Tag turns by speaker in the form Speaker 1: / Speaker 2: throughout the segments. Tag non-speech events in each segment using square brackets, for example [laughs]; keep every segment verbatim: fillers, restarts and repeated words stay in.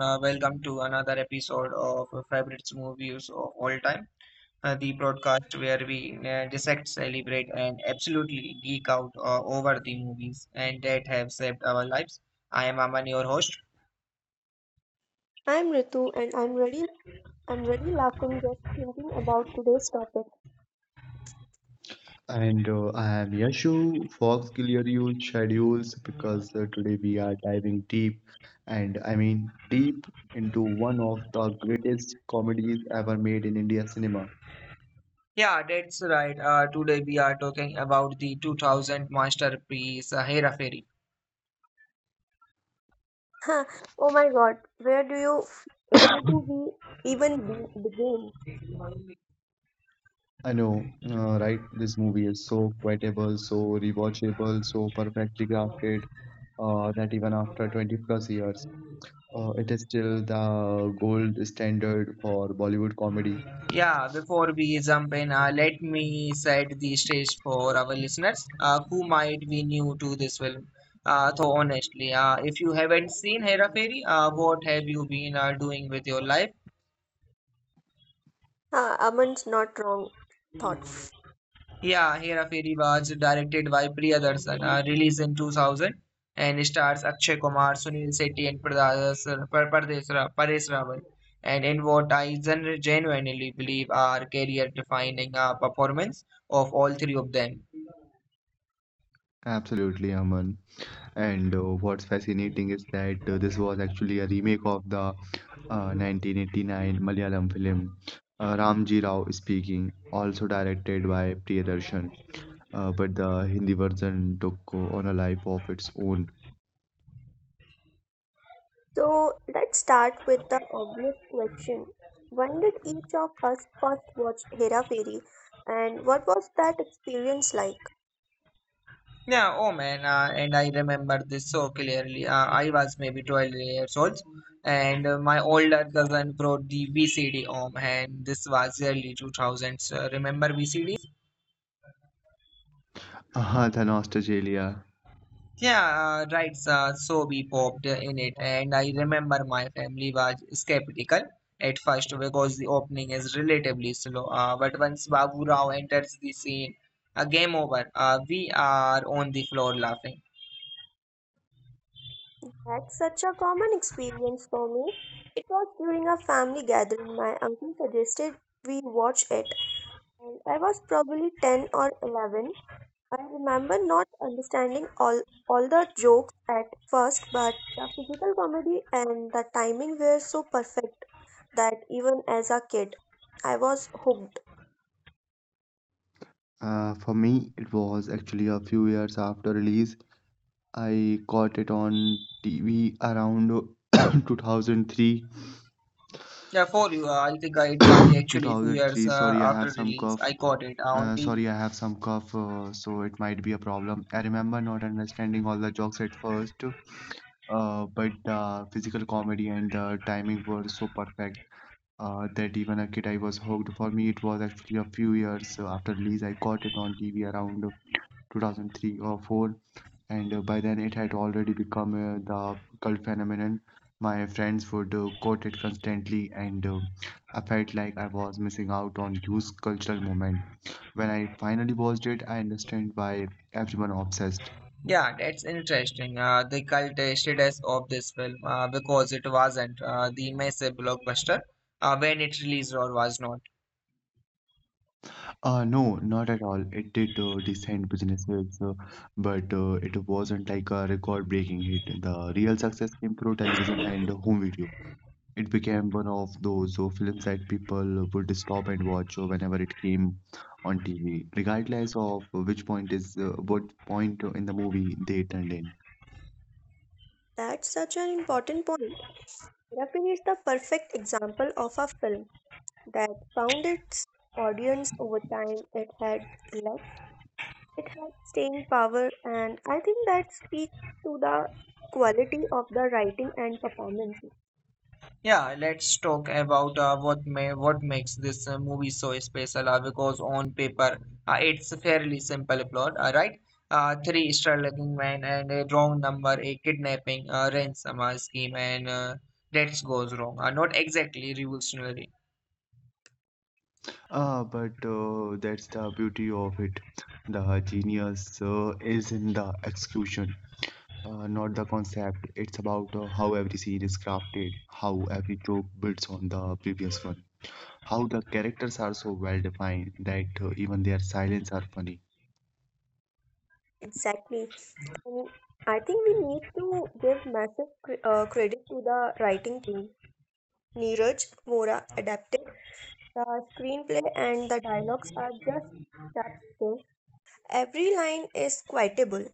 Speaker 1: Uh, welcome to another episode of uh, Favorites Movies of All Time, uh, the broadcast where we uh, dissect, celebrate, and absolutely geek out uh, over the movies and that have saved our lives. I am Aman, your host.
Speaker 2: I'm Ritu and I'm really I'm really laughing just thinking about today's topic. [laughs]
Speaker 3: And uh, I am Yashu. Fox, clear your schedules because uh, today we are diving deep, and I mean deep into one of the greatest comedies ever made in India cinema.
Speaker 1: Yeah, that's right. Uh, today we are talking about the two thousand masterpiece uh, Hera Fairy.
Speaker 2: Huh. Oh my god, where do you where do we even be, begin?
Speaker 3: I know, uh, right? This movie is so quotable, so rewatchable, so perfectly crafted uh, that even after twenty plus years, uh, it is still the gold standard for Bollywood comedy.
Speaker 1: Yeah, before we jump in, uh, let me set the stage for our listeners uh, who might be new to this film. Uh, so honestly, uh, if you haven't seen Hera Fairy, uh, what have you been uh, doing with your life?
Speaker 2: Ha, Aman's not wrong thought.
Speaker 1: Yeah, Hera Fairy was directed by Priyadarshan, uh, released in two thousand, and stars Akshay Kumar, Sunil Shetty, and Pradas, Par- Pardesh Paresh Rawal. And in what I gen genuinely believe are career-defining uh, performance of all three of them.
Speaker 3: Absolutely, Aman. And uh, what's fascinating is that uh, this was actually a remake of the uh, nineteen eighty-nine Malayalam film uh, Ramji Rao Speaking, also directed by Priyadarshan. Uh, but the Hindi version took uh, on a life of its own.
Speaker 2: So let's start with the obvious question. When did each of us first watch Hera Fairy and what was that experience like?
Speaker 1: Yeah, oh man, uh, and I remember this so clearly. Uh, I was maybe twelve years old, and uh, my older cousin brought the V C D home, and this was early two thousands. Uh, remember V C Ds?
Speaker 3: Uh, the nostalgia.
Speaker 1: Yeah, uh, right, uh, so we popped in it, and I remember my family was skeptical at first because the opening is relatively slow. Uh, but once Babu Rao enters the scene, a game over. Uh, we are on the floor laughing.
Speaker 2: That's such a common experience for me. It was during a family gathering. My uncle suggested we watch it, and I was probably ten or eleven. I remember not understanding all, all the jokes at first, but the physical comedy and the timing were so perfect that even as a kid, I was hooked.
Speaker 3: Uh, for me, it was actually a few years after release. I caught it on T V around [coughs] two thousand three.
Speaker 1: Yeah, for you, uh, I think uh, it was actually few years
Speaker 3: twenty oh three, [coughs]
Speaker 1: uh,
Speaker 3: sorry, I
Speaker 1: after
Speaker 3: have some
Speaker 1: release. I
Speaker 3: cough.
Speaker 1: got it on
Speaker 3: Uh, sorry,
Speaker 1: T V.
Speaker 3: I have some cough, uh, so it might be a problem. I remember not understanding all the jokes at first, uh, but the physical comedy and the timing were so perfect uh, that even a kid I was hooked. For me, it was actually a few years after release. I caught it on T V around two thousand three or four, and uh, by then it had already become uh, the cult phenomenon. My friends would uh, quote it constantly, and uh, i felt like I was missing out on huge cultural moment. When I finally watched it, I understand why everyone obsessed.
Speaker 1: Yeah, that's interesting. Uh, the cult uh, status of this film uh, because it wasn't uh, the massive blockbuster uh, when it released or was not.
Speaker 3: Uh no, not at all. It did uh, decent businesses, uh, but uh, it wasn't like a record breaking hit. The real success came through television and home video. It became one of those uh, films that people would stop and watch uh, whenever it came on T V, regardless of which point is uh, what point in the movie they turned in.
Speaker 2: That's such an important point. Therapy is the perfect example of a film that found its audience over time. It had legs, it had staying power, and I think that speaks to the quality of the writing and performance.
Speaker 1: Yeah, let's talk about uh, what may, what makes this uh, movie so special. Uh, because on paper, uh, it's a fairly simple plot. All right, uh, three struggling men and a wrong number, a kidnapping, a ransom uh, scheme, and uh, that goes wrong. Uh, not exactly revolutionary.
Speaker 3: Ah, but uh, that's the beauty of it. The genius uh, is in the execution, uh, not the concept. It's about uh, how every scene is crafted, how every joke builds on the previous one, how the characters are so well defined that uh, even their silence are funny.
Speaker 2: Exactly. And I think we need to give massive cre uh, credit to the writing team. Neeraj Mora adapted the screenplay and the dialogues are just chapter. Every line is quotable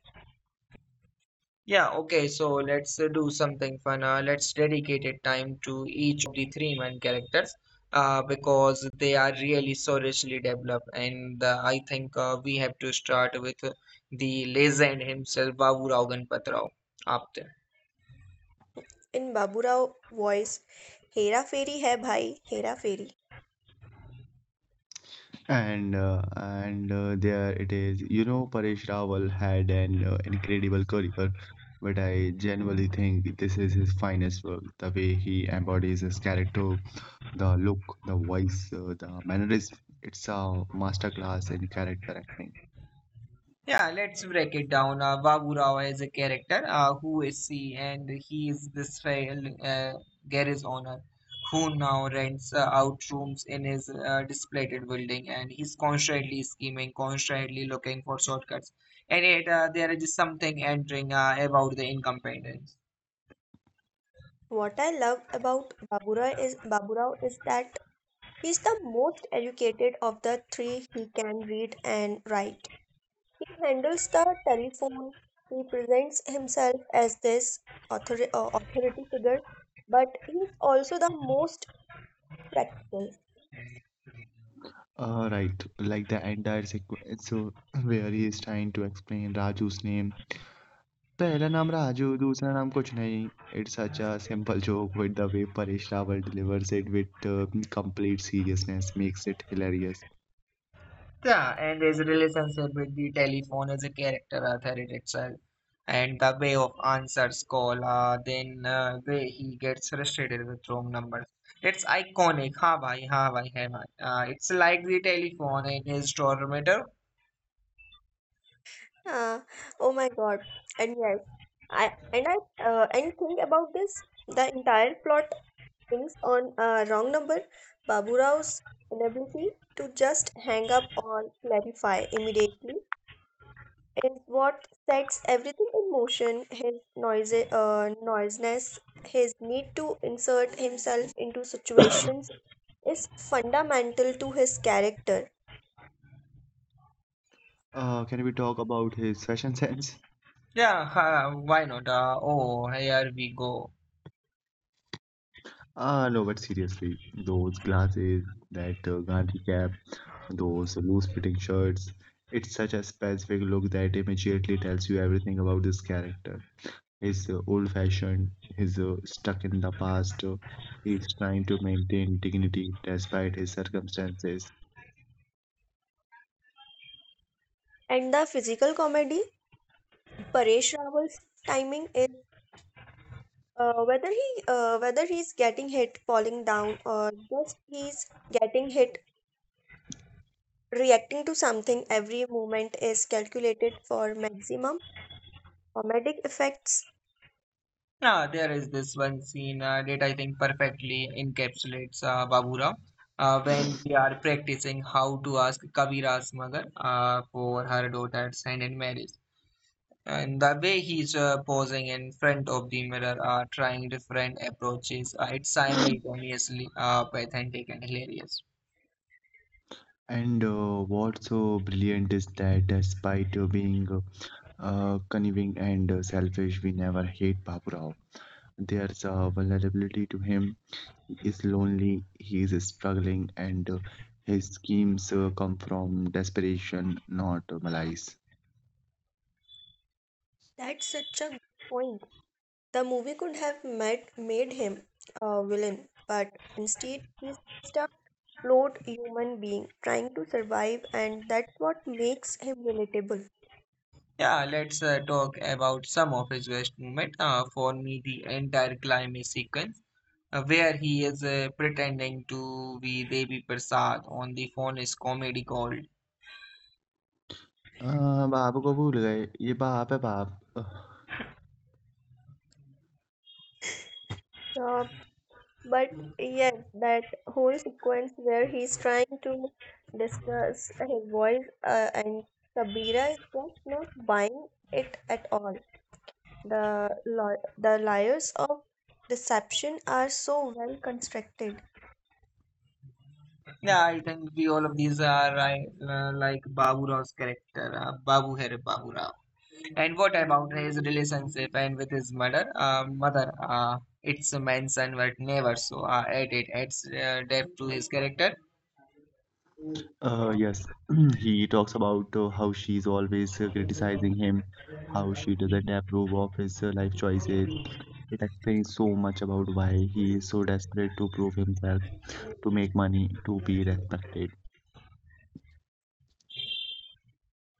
Speaker 1: Yeah, okay, so let's uh, do something fun. Uh, let's dedicate a time to each of the three main characters uh, because they are really so richly developed. And uh, I think uh, we have to start with uh, the legend himself, Babu Rao Ganpat Rao, Aapte.
Speaker 2: in Babu Rao voice. Hera Fairy hai bhai, Hera Fairy.
Speaker 3: And uh, and uh, there it is. You know, Paresh Rawal had an uh, incredible career, but I genuinely think this is his finest work. The way he embodies his character, the look, the voice, uh, the mannerism. It's a masterclass in character acting.
Speaker 1: Yeah, let's break it down. Uh, Babu Rao is a character. Uh, who is he? And he is this failed uh, garage owner who now rents uh, out rooms in his uh, displeased building, and he's constantly scheming, constantly looking for shortcuts. And yet, uh, there is something entering uh, about the incompetence.
Speaker 2: What I love about Babu Rao is Babu Rao is that he's the most educated of the three. He can read and write. He handles the telephone. He presents himself as this author- uh, authority figure, but he's also the most practical.
Speaker 3: Uh, right, like the entire sequence uh, where he is trying to explain Raju's name. पहला नाम राजू, दूसरा नाम कुछ नहीं। It's such a simple joke with the way Paresh Rawal delivers it with uh, complete seriousness makes it hilarious.
Speaker 1: Yeah, and his relationship with the telephone is a character authority itself. And the way of answers call, uh, then uh, way he gets frustrated with wrong numbers. It's iconic. Ha bhai, ha bhai, hai bhai. Uh, it's like the telephone in his tormentor.
Speaker 2: Ah, oh my God! And yes, I and I uh, and think about this. The entire plot hangs on a wrong number. Babu Rao's inability to just hang up or clarify immediately is what sets everything in motion. His noise, uh, noisiness, his need to insert himself into situations is fundamental to his character.
Speaker 3: Uh, can we talk about his fashion [laughs] sense?
Speaker 1: Yeah, ha, why not? Uh, oh, here we go.
Speaker 3: Uh, no, but seriously, those glasses, that uh, Gandhi cap, those loose-fitting shirts. It's such a specific look that immediately tells you everything about this character. He's uh, old fashioned, he's uh, stuck in the past, uh, he's trying to maintain dignity despite his circumstances.
Speaker 2: And the physical comedy, Paresh Rawal's timing is uh, whether he uh, whether he's getting hit, falling down, or just he's getting hit, reacting to something. Every movement is calculated for maximum comedic effects.
Speaker 1: Yeah, there is this one scene uh, that I think perfectly encapsulates uh, Baburao uh, when we are practicing how to ask Kabira mother uh, for her daughter's hand in marriage. And the way he's uh, posing in front of the mirror, uh, trying different approaches, uh, it's simultaneously uh, pathetic and hilarious.
Speaker 3: And uh, what's so brilliant is that despite uh, being uh, uh, conniving and uh, selfish, we never hate Baburao. There's a vulnerability to him. He is lonely, he is struggling, and uh, his schemes uh, come from desperation, not uh, malice.
Speaker 2: That's such a good point. The movie could have made, made him a villain, but instead he's just a flawed human being trying to survive, and that's what makes him relatable.
Speaker 1: Yeah, let's uh, talk about some of his best moment. Uh, for me, the entire climate sequence, uh, where he is uh, pretending to be Devi Prasad on the phone, is comedy gold.
Speaker 3: Uh, बाप को भूल गए ये बाप है बाप.
Speaker 2: Uh, but yes, that whole sequence where he's trying to discuss his voice uh, and Kabira is just not buying it at all. The li- the layers of deception are so well constructed,
Speaker 1: Yeah, I think we all of these are right, uh, like Babu Rao's character, uh, Babu Hai Babu Rao. And what about his relationship and with his mother? Uh, mother, uh, it's a manson, but never so. Uh, at it adds uh, depth to his character.
Speaker 3: Uh, yes, [clears throat] he talks about uh, how she's always uh, criticizing him, how she doesn't approve of his uh, life choices. It explains so much about why he is so desperate to prove himself, to make money, to be respected.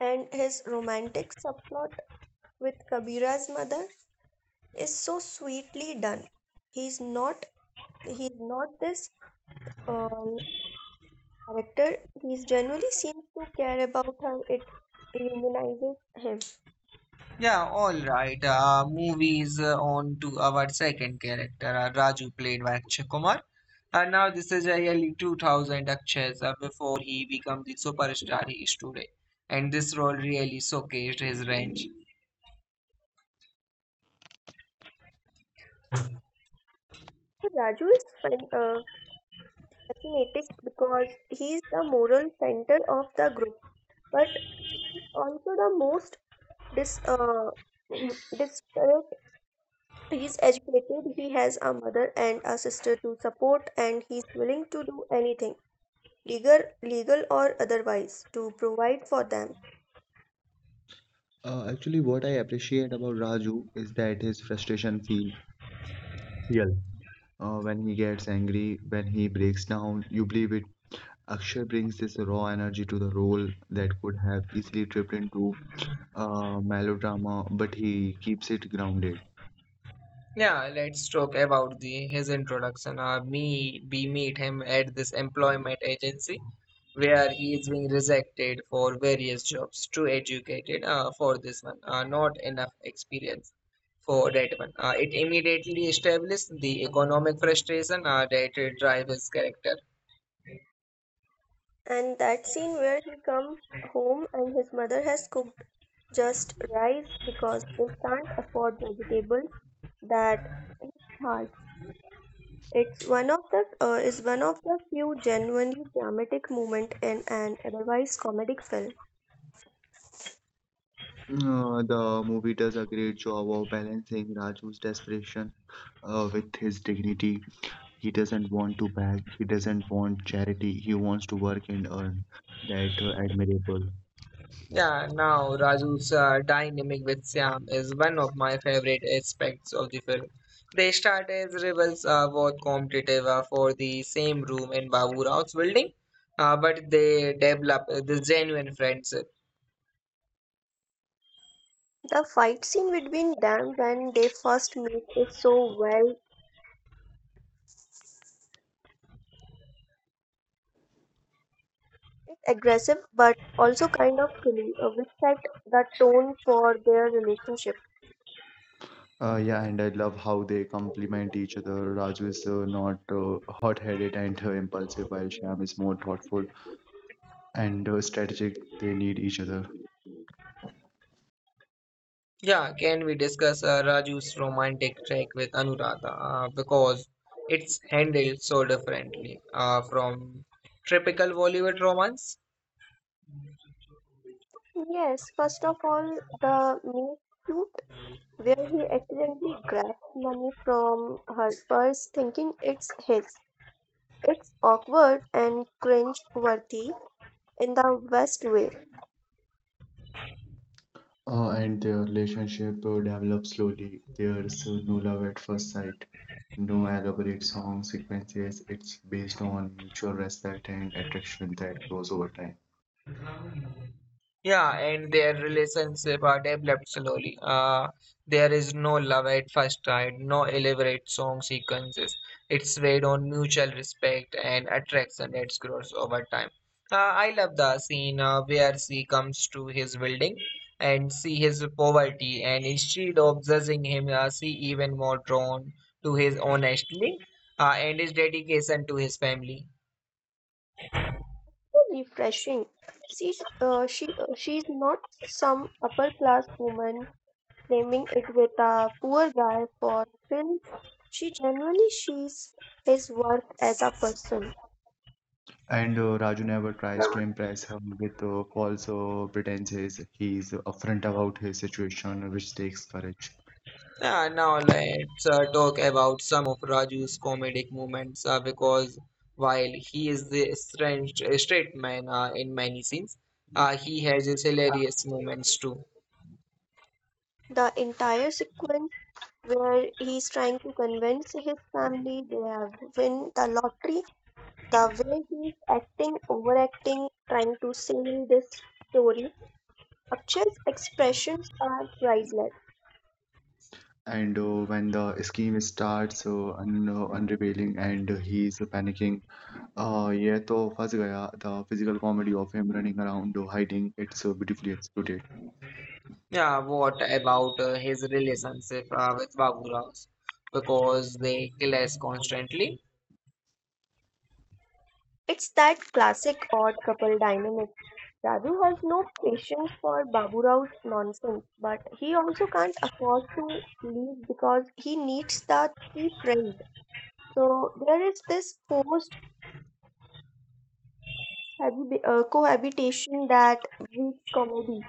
Speaker 2: and his romantic subplot with Kabira's mother is so sweetly done. He's not he's not this uh, character. He genuinely seems to care about her. It humanizes him.
Speaker 1: Yeah, all right. Uh, movies uh, on to our second character, uh, Raju, played by Akshay Kumar. And now this is a yearly two thousand Akshay's uh, before he became the superstar he is today. And this role really showcased his range.
Speaker 2: So Raju is fan- uh, fascinated because he's the moral center of the group, but he's also the most dis uh, [clears throat] disparate. He's educated. He has a mother and a sister to support, and he's willing to do anything legal legal or otherwise to provide for them.
Speaker 3: Uh, actually, what I appreciate about Raju is that his frustration feels real. Uh, when he gets angry, when he breaks down, you believe it. Akshay brings this raw energy to the role that could have easily tripped into uh, melodrama, but he keeps it grounded.
Speaker 1: Yeah, let's talk about the his introduction. Uh, me, we meet him at this employment agency where he is being rejected for various jobs too educated uh, for this one uh, not enough experience for that one uh, it immediately established the economic frustration uh, that drives his character.
Speaker 2: And that scene where he comes home and his mother has cooked just rice because they can't afford vegetables, that hits hard. It's one of the uh, is one of the few genuinely dramatic moment in an otherwise comedic film.
Speaker 3: Uh, the movie does a great job of balancing Raju's desperation uh, with his dignity. He doesn't want to beg, he doesn't want charity, he wants to work and earn. That uh, admirable.
Speaker 1: Yeah, now Raju's uh, dynamic with Syam is one of my favorite aspects of the film. They start as rivals uh, both competitive uh, for the same room in Babu Rao's building uh, but they develop uh, this genuine friendship.
Speaker 2: The fight scene between them when they first meet is so well aggressive but also kind of silly, uh, which set the tone for their relationship.
Speaker 3: Uh, yeah, and I love how they complement each other. Raju is uh, not uh, hot-headed and uh, impulsive, while Shyam is more thoughtful and uh, strategic. They need each other.
Speaker 1: Yeah, can we discuss uh, Raju's romantic track with Anuradha? Uh, because it's handled so differently uh, from typical Bollywood romance.
Speaker 2: Yes, first of all, the minute where he accidentally grabs money from her purse thinking it's his. It's awkward and cringe-worthy in the best way.
Speaker 3: Uh, and their relationship uh, develops slowly. There's uh, no love at first sight, no elaborate song sequences. It's based on mutual respect and attraction that grows over time.
Speaker 1: Yeah, and their relationship are developed slowly. Uh, there is no love at first sight, no elaborate song sequences. It's based on mutual respect and attraction that grows over time. Uh, I love the scene uh, where she comes to his building and see his poverty, and instead of judging him, uh, she even more drawn to his honesty uh, and his dedication to his family.
Speaker 2: So refreshing. She's, uh, she, uh, she's not some upper-class woman claiming it with a poor guy for thrills. She genuinely sees his worth as a person.
Speaker 3: And uh, Raju never tries to impress her with uh, false uh, pretenses. He's upfront about his situation, which takes courage.
Speaker 1: Yeah, now let's uh, talk about some of Raju's comedic moments uh, because while he is the strange uh, straight man uh, in many scenes, uh, he has his hilarious moments too.
Speaker 2: The entire sequence where he's trying to convince his family they have win the lottery. The way he's acting, overacting, trying to sell this story, Akshay's expressions are priceless.
Speaker 3: And uh, when the scheme starts, uh, un- uh, unrevealing and he's panicking, Uh, ये तो फंस गया. The physical comedy of him running around hiding, it's uh, beautifully executed,
Speaker 1: Yeah, what about uh, his relationship uh, with Babu Rao? Because they clash constantly.
Speaker 2: It's that classic odd couple dynamic. Raju has no patience for Babu Rao's nonsense, but he also can't afford to leave because he needs the cheap rent. So there is this forced habi- uh, cohabitation that breeds comedy.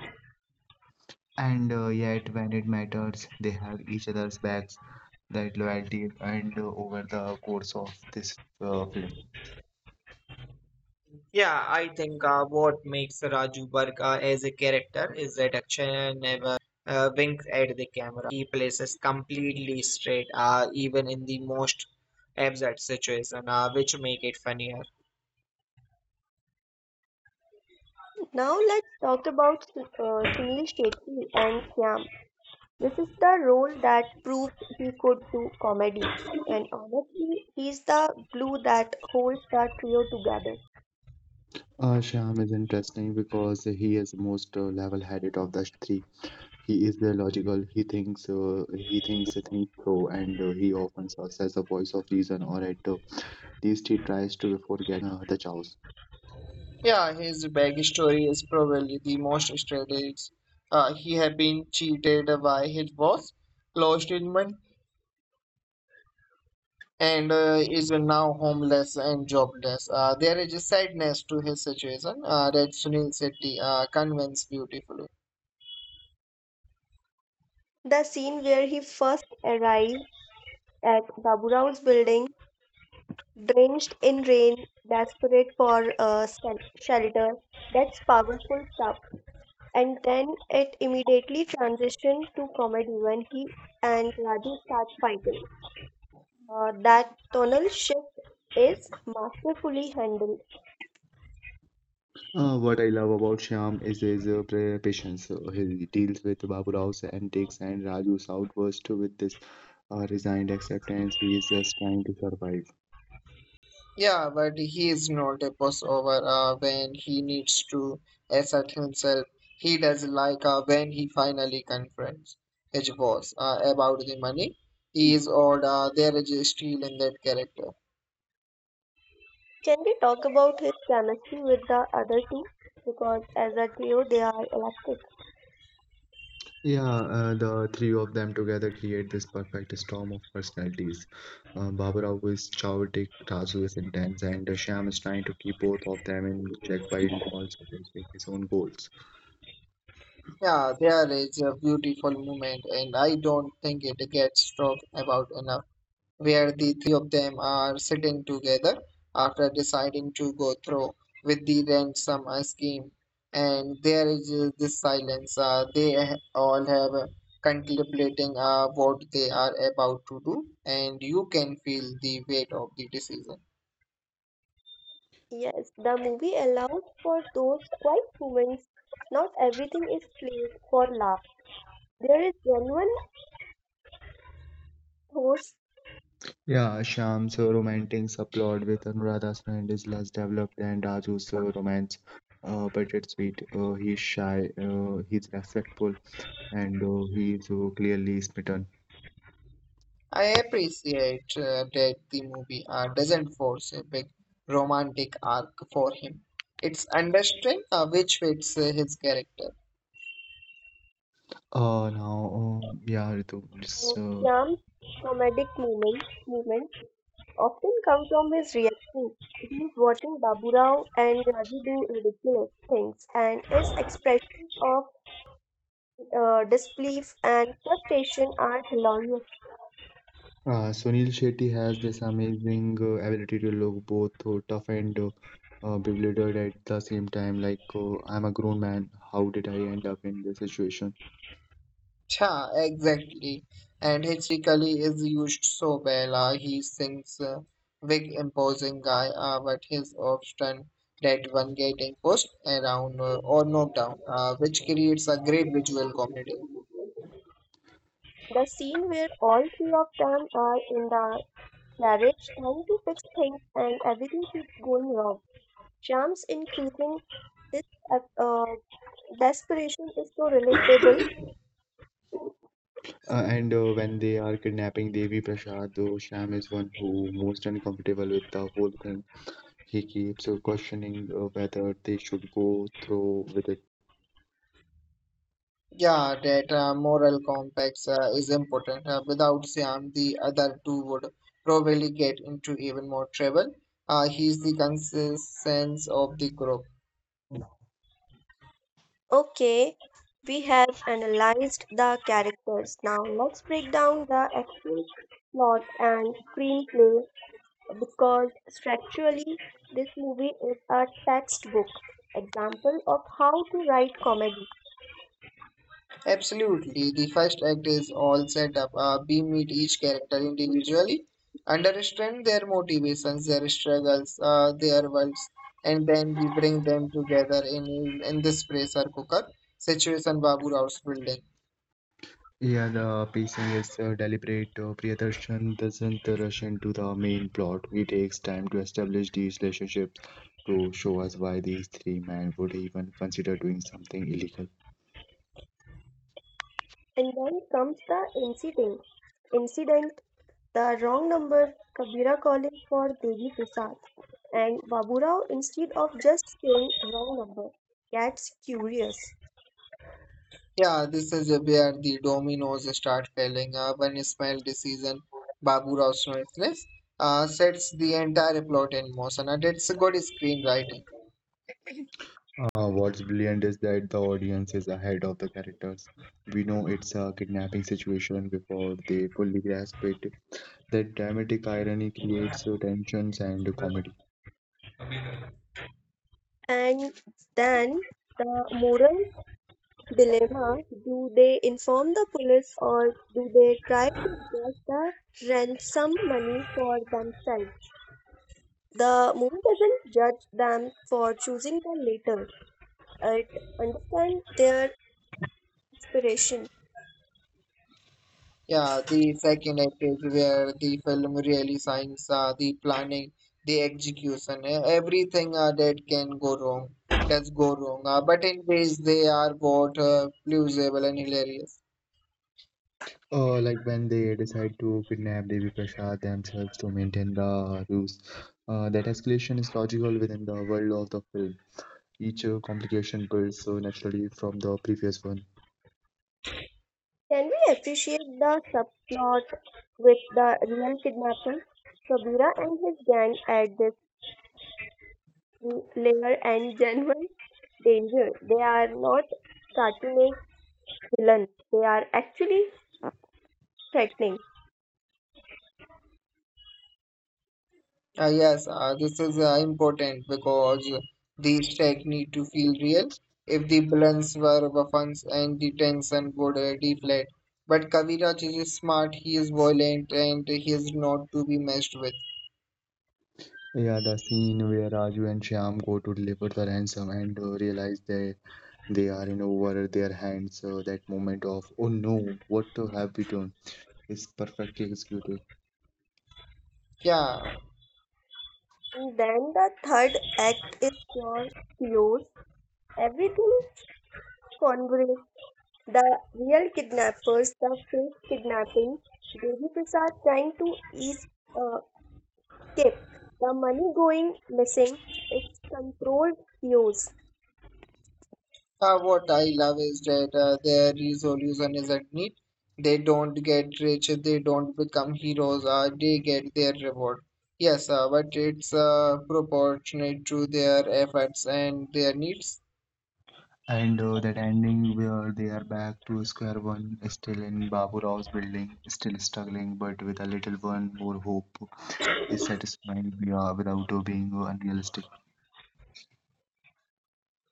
Speaker 3: and uh, yet when it matters they have each other's backs, that loyalty, and uh, over the course of this uh, film.
Speaker 1: Yeah, I think uh, what makes Raju Barg uh, as a character is that Akshay never uh, winks at the camera. He places completely straight, uh, even in the most absurd situation, uh, which make it funnier.
Speaker 2: Now let's talk about Su- uh, Sunil Shetty and Shyam. This is the role that proved he could do comedy. And honestly, he's the glue that holds the trio together.
Speaker 3: Uh, Shyam is interesting because he is most uh, level-headed of the three. He is the logical. He thinks. Uh, he thinks. Think through, and uh, he often serves as a voice of reason, or at uh, least he tries to before getting swept up in uh, the chaos.
Speaker 1: Yeah, his backstory is probably the most strategic. Uh, he had been cheated by his boss, lost his money, and uh, is now homeless and jobless. Uh, there is a sadness to his situation uh, that Sunil Shetty uh, conveys beautifully.
Speaker 2: The scene where he first arrives at Babu Rao's building, drenched in rain, desperate for uh, shel- shelter, that's powerful stuff. And then it immediately transitions to comedy when he and Raju start fighting. Uh, that tonal shift is masterfully handled.
Speaker 3: Uh, what I love about Shyam is his uh, pra- patience. So he deals with Babu Rao's antics and Raju's outburst with this uh, resigned acceptance. He is just trying to survive.
Speaker 1: Yeah, but he is not a pushover uh, when he needs to assert himself. He does like uh, when he finally confronts his boss uh, about the money. He is odd. Uh, there is a steel in that character.
Speaker 2: Can we talk about his chemistry with the other two? Because as a trio, they are electric.
Speaker 3: Yeah, uh, the three of them together create this perfect storm of personalities. Uh, Baburao is chaotic, Razu is intense, and uh, Shyam is trying to keep both of them in check while also pursuing his own goals.
Speaker 1: Yeah, there is a beautiful moment, and I don't think it gets talked about enough, where the three of them are sitting together after deciding to go through with the ransom uh, scheme. And there is uh, this silence. Uh, they ha- all have uh, contemplating uh, what they are about to do, and you can feel the weight of the decision.
Speaker 2: Yes, the movie allows for those quiet moments. Not everything is played for laughs. There is genuine thoughts,
Speaker 3: Yeah, Shyam's uh, romantic subplot with Anuradha's friend is less developed than Raju's uh, romance, uh, but it's sweet. Uh, he's shy, uh, he's respectful, and uh, he's uh, clearly smitten.
Speaker 1: I appreciate uh, that the movie uh, doesn't force a big romantic arc for him. It's understanding uh, which fits uh, his character.
Speaker 3: Uh, now, um, yeah, Ritu,
Speaker 2: uh,
Speaker 3: just, uh,
Speaker 2: charm, comedic moment, moments often come from his reaction. He's watching Babu Rao and Raji do ridiculous things, and his expression of uh, disbelief and frustration are hilarious.
Speaker 3: uh, Sunil Shetty has this amazing uh, ability to look both uh, tough and uh, uh, bewildered at the same time. Like, uh, I'm a grown man. How did I end up in this situation?
Speaker 1: Yeah, exactly. And his physically is used so well. Uh, he seems a big, imposing guy, uh, but he's often that one getting pushed around uh, or knocked down, uh, which creates a great visual comedy.
Speaker 2: The scene where all three of them are in the garage trying to fix things and everything keeps going wrong. Sham's increasing this uh, uh, desperation is so relatable.
Speaker 3: Uh, and uh, when they are kidnapping Devi Prasad, though, Sham is one who most uncomfortable with the whole thing. He keeps uh, questioning uh, whether they should go through with it.
Speaker 1: Yeah, that uh, moral complex uh, is important. Uh, without Siam, the other two would probably get into even more trouble. Uh, he's the conscience of the group.
Speaker 2: Okay, we have analyzed the characters. Now let's break down the actual plot and screenplay because structurally this movie is a textbook example of how to write comedy.
Speaker 1: Absolutely. The first act is all set up. Uh, we meet each character individually, understand their motivations, their struggles, uh, their worlds, and then we bring them together in in this pressure cooker situation Babu Rao's building.
Speaker 3: Yeah, the pacing is uh, deliberate. Uh, Priyadarshan doesn't rush into the main plot. He takes time to establish these relationships to show us why these three men would even consider doing something illegal.
Speaker 2: And then comes the incident incident: the wrong number, Kabira calling for Devi Prasad, and Baburao, instead of just saying wrong number, gets curious.
Speaker 1: Yeah, this is where the dominoes start falling. Uh, one small decision, Babu Rao's noiseless, uh, sets the entire plot in motion, and it's a good screenwriting.
Speaker 3: Uh, what's brilliant is that the audience is ahead of the characters. We know it's a kidnapping situation before they fully grasp it. That dramatic irony creates uh, tensions and comedy.
Speaker 2: And then the moral dilemma: do they inform the police, or do they try to get the ransom money for themselves? The movie doesn't judge them for choosing the latter. It understands their inspiration.
Speaker 1: Yeah, the second act is where the film really shines, uh, the planning, the execution, e- everything uh, that can go wrong, does go wrong. Uh, but in ways they are both uh, plausible and hilarious.
Speaker 3: Uh, like when they decide to kidnap Devi Prasad themselves to maintain the ruse. Uh, that escalation is logical within the world of the film. Each uh, complication builds so naturally from the previous one.
Speaker 2: Can we appreciate the subplot with the real kidnapper? Kabira and his gang at this layer and [laughs] genuine danger. They are not cartoonish villains. They are actually threatening.
Speaker 1: Uh, yes, uh, this is uh, important because the stakes need to feel real. If the balance were weapons and the tension would uh, deflate. But Kaviraj is smart, he is violent, and he is not to be messed with.
Speaker 3: Yeah, the scene where Raju and Shyam go to deliver the ransom and uh, realize they They are in over their hands. Uh, that moment of, oh no, what have we done? Is perfectly executed.
Speaker 1: Yeah,
Speaker 2: And then the third act is pure chaos. Everything converges. The real kidnappers, the fake kidnapping, Devi Prasad trying to ease, uh, escape, the money going missing, its controlled use.
Speaker 1: Uh, what I love is that uh, their resolution isn't neat. They don't get rich, they don't become heroes, uh, they get their reward. Yes, uh, but it's uh, proportionate to their efforts and their needs.
Speaker 3: And uh, that ending where they are back to square one, still in Babu Rao's building, still struggling, but with a little one more hope, is satisfying we are without uh, being uh, unrealistic.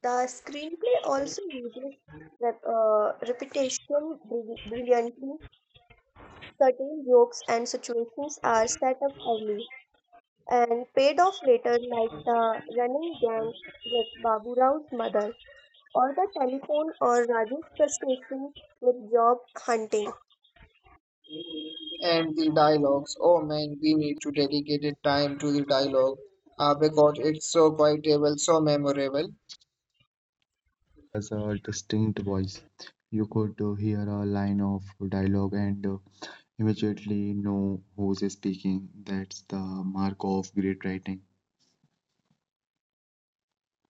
Speaker 2: The screenplay also uses rep- uh, repetition brill- brilliantly. Certain jokes and situations are set up early and paid off later, like the running gang with Babu Rao's mother, or the telephone, or Rajesh frustration with job hunting.
Speaker 1: And the dialogues, oh man, we need to dedicate time to the dialogue uh, because it's so quotable, so memorable.
Speaker 3: Uh, every character has a distinct voice. You could uh, hear a line of dialogue and uh, immediately know who's speaking. That's the mark of great writing.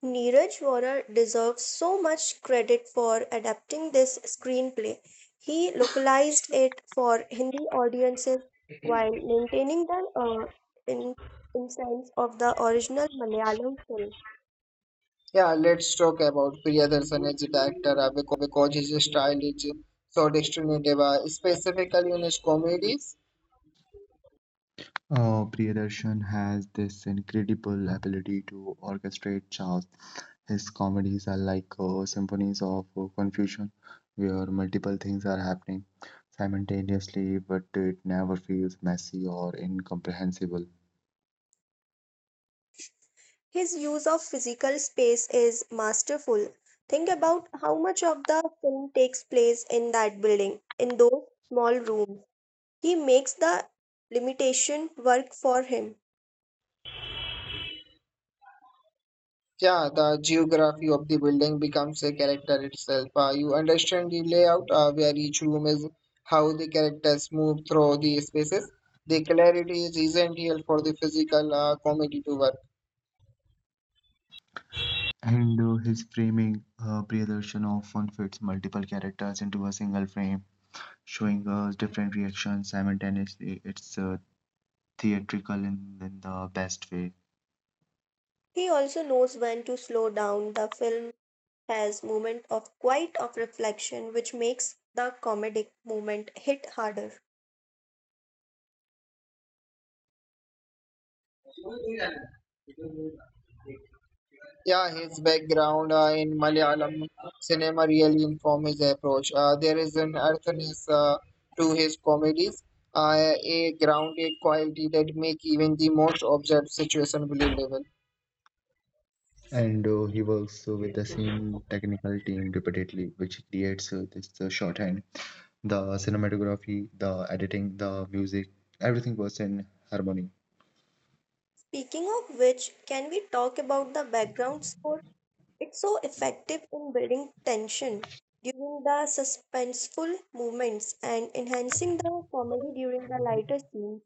Speaker 2: Neeraj Vora deserves so much credit for adapting this screenplay. He localized it for Hindi audiences while maintaining the uh, in, essence of the original Malayalam film.
Speaker 1: Yeah, let's talk about Priyadarsan as a director uh, because his style is so distinct, uh, specifically in his comedies.
Speaker 3: Uh, Priyadarshan has this incredible ability to orchestrate chaos. His comedies are like uh, symphonies of uh, confusion, where multiple things are happening simultaneously, but it never feels messy or incomprehensible.
Speaker 2: His use of physical space is masterful. Think about how much of the film takes place in that building, in those small rooms. He makes the limitation work for him.
Speaker 1: Yeah, the geography of the building becomes a character itself. Uh, you understand the layout, uh, where each room is, how the characters move through the spaces. The clarity is essential for the physical uh, comedy to work.
Speaker 3: And uh, his framing, uh, Priyadarshan often fits multiple characters into a single frame, showing us different reactions simultaneously. It's uh, theatrical in, in the best way.
Speaker 2: He also knows when to slow down. The film has moment of quiet of reflection, which makes the comedic moment hit harder.
Speaker 1: Yeah, his background uh, in Malayalam cinema really informs his approach. Uh, there is an earthiness uh, to his comedies, uh, a grounded quality that make even the most absurd situation believable.
Speaker 3: And uh, he works uh, with the same technical team repeatedly, which creates uh, this uh, shorthand. The cinematography, the editing, the music, everything was in harmony.
Speaker 2: Speaking of which, can we talk about the background score? It's so effective in building tension during the suspenseful moments and enhancing the comedy during the lighter scenes.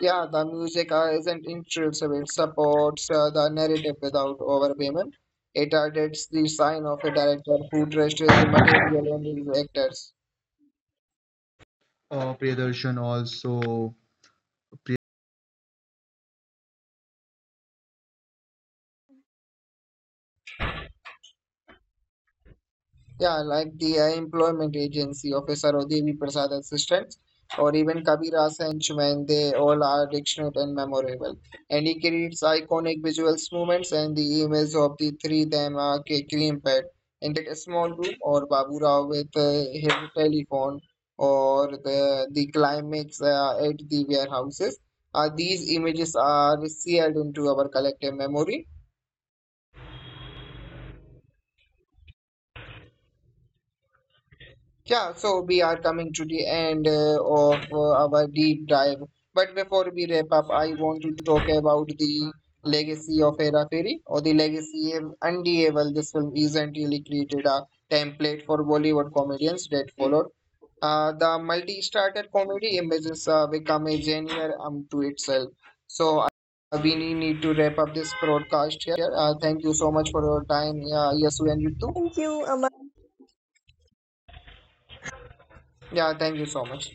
Speaker 1: Yeah, the music uh, isn't intrusive. It supports uh, the narrative without overpayment. It adds the sign of a director who trusts his material and his actors.
Speaker 3: Uh, Priyadarshan also
Speaker 1: Yeah, like the uh, employment agency of S R O Devi Prasad Assistants or even Kabir Sanch when they all are dictionary and memorable. And he creates iconic visuals movements and the image of the three them are ca- cream pad in that small room or Babura with uh, his telephone or the, the climax uh, at the warehouses. Uh, these images are sealed into our collective memory. Yeah, so we are coming to the end uh, of uh, our deep dive. But before we wrap up, I want to talk about the legacy of Hera Fairy or the legacy of Undeniable. This film isn't essentially created a template for Bollywood comedians that followed. Uh, the multi-starter comedy images uh, become a genre unto itself. So uh, we need to wrap up this broadcast here. Uh, thank you so much for your time, yeah, Yasu and Ritu.
Speaker 2: Thank you, Aman.
Speaker 1: Yeah, thank you so much.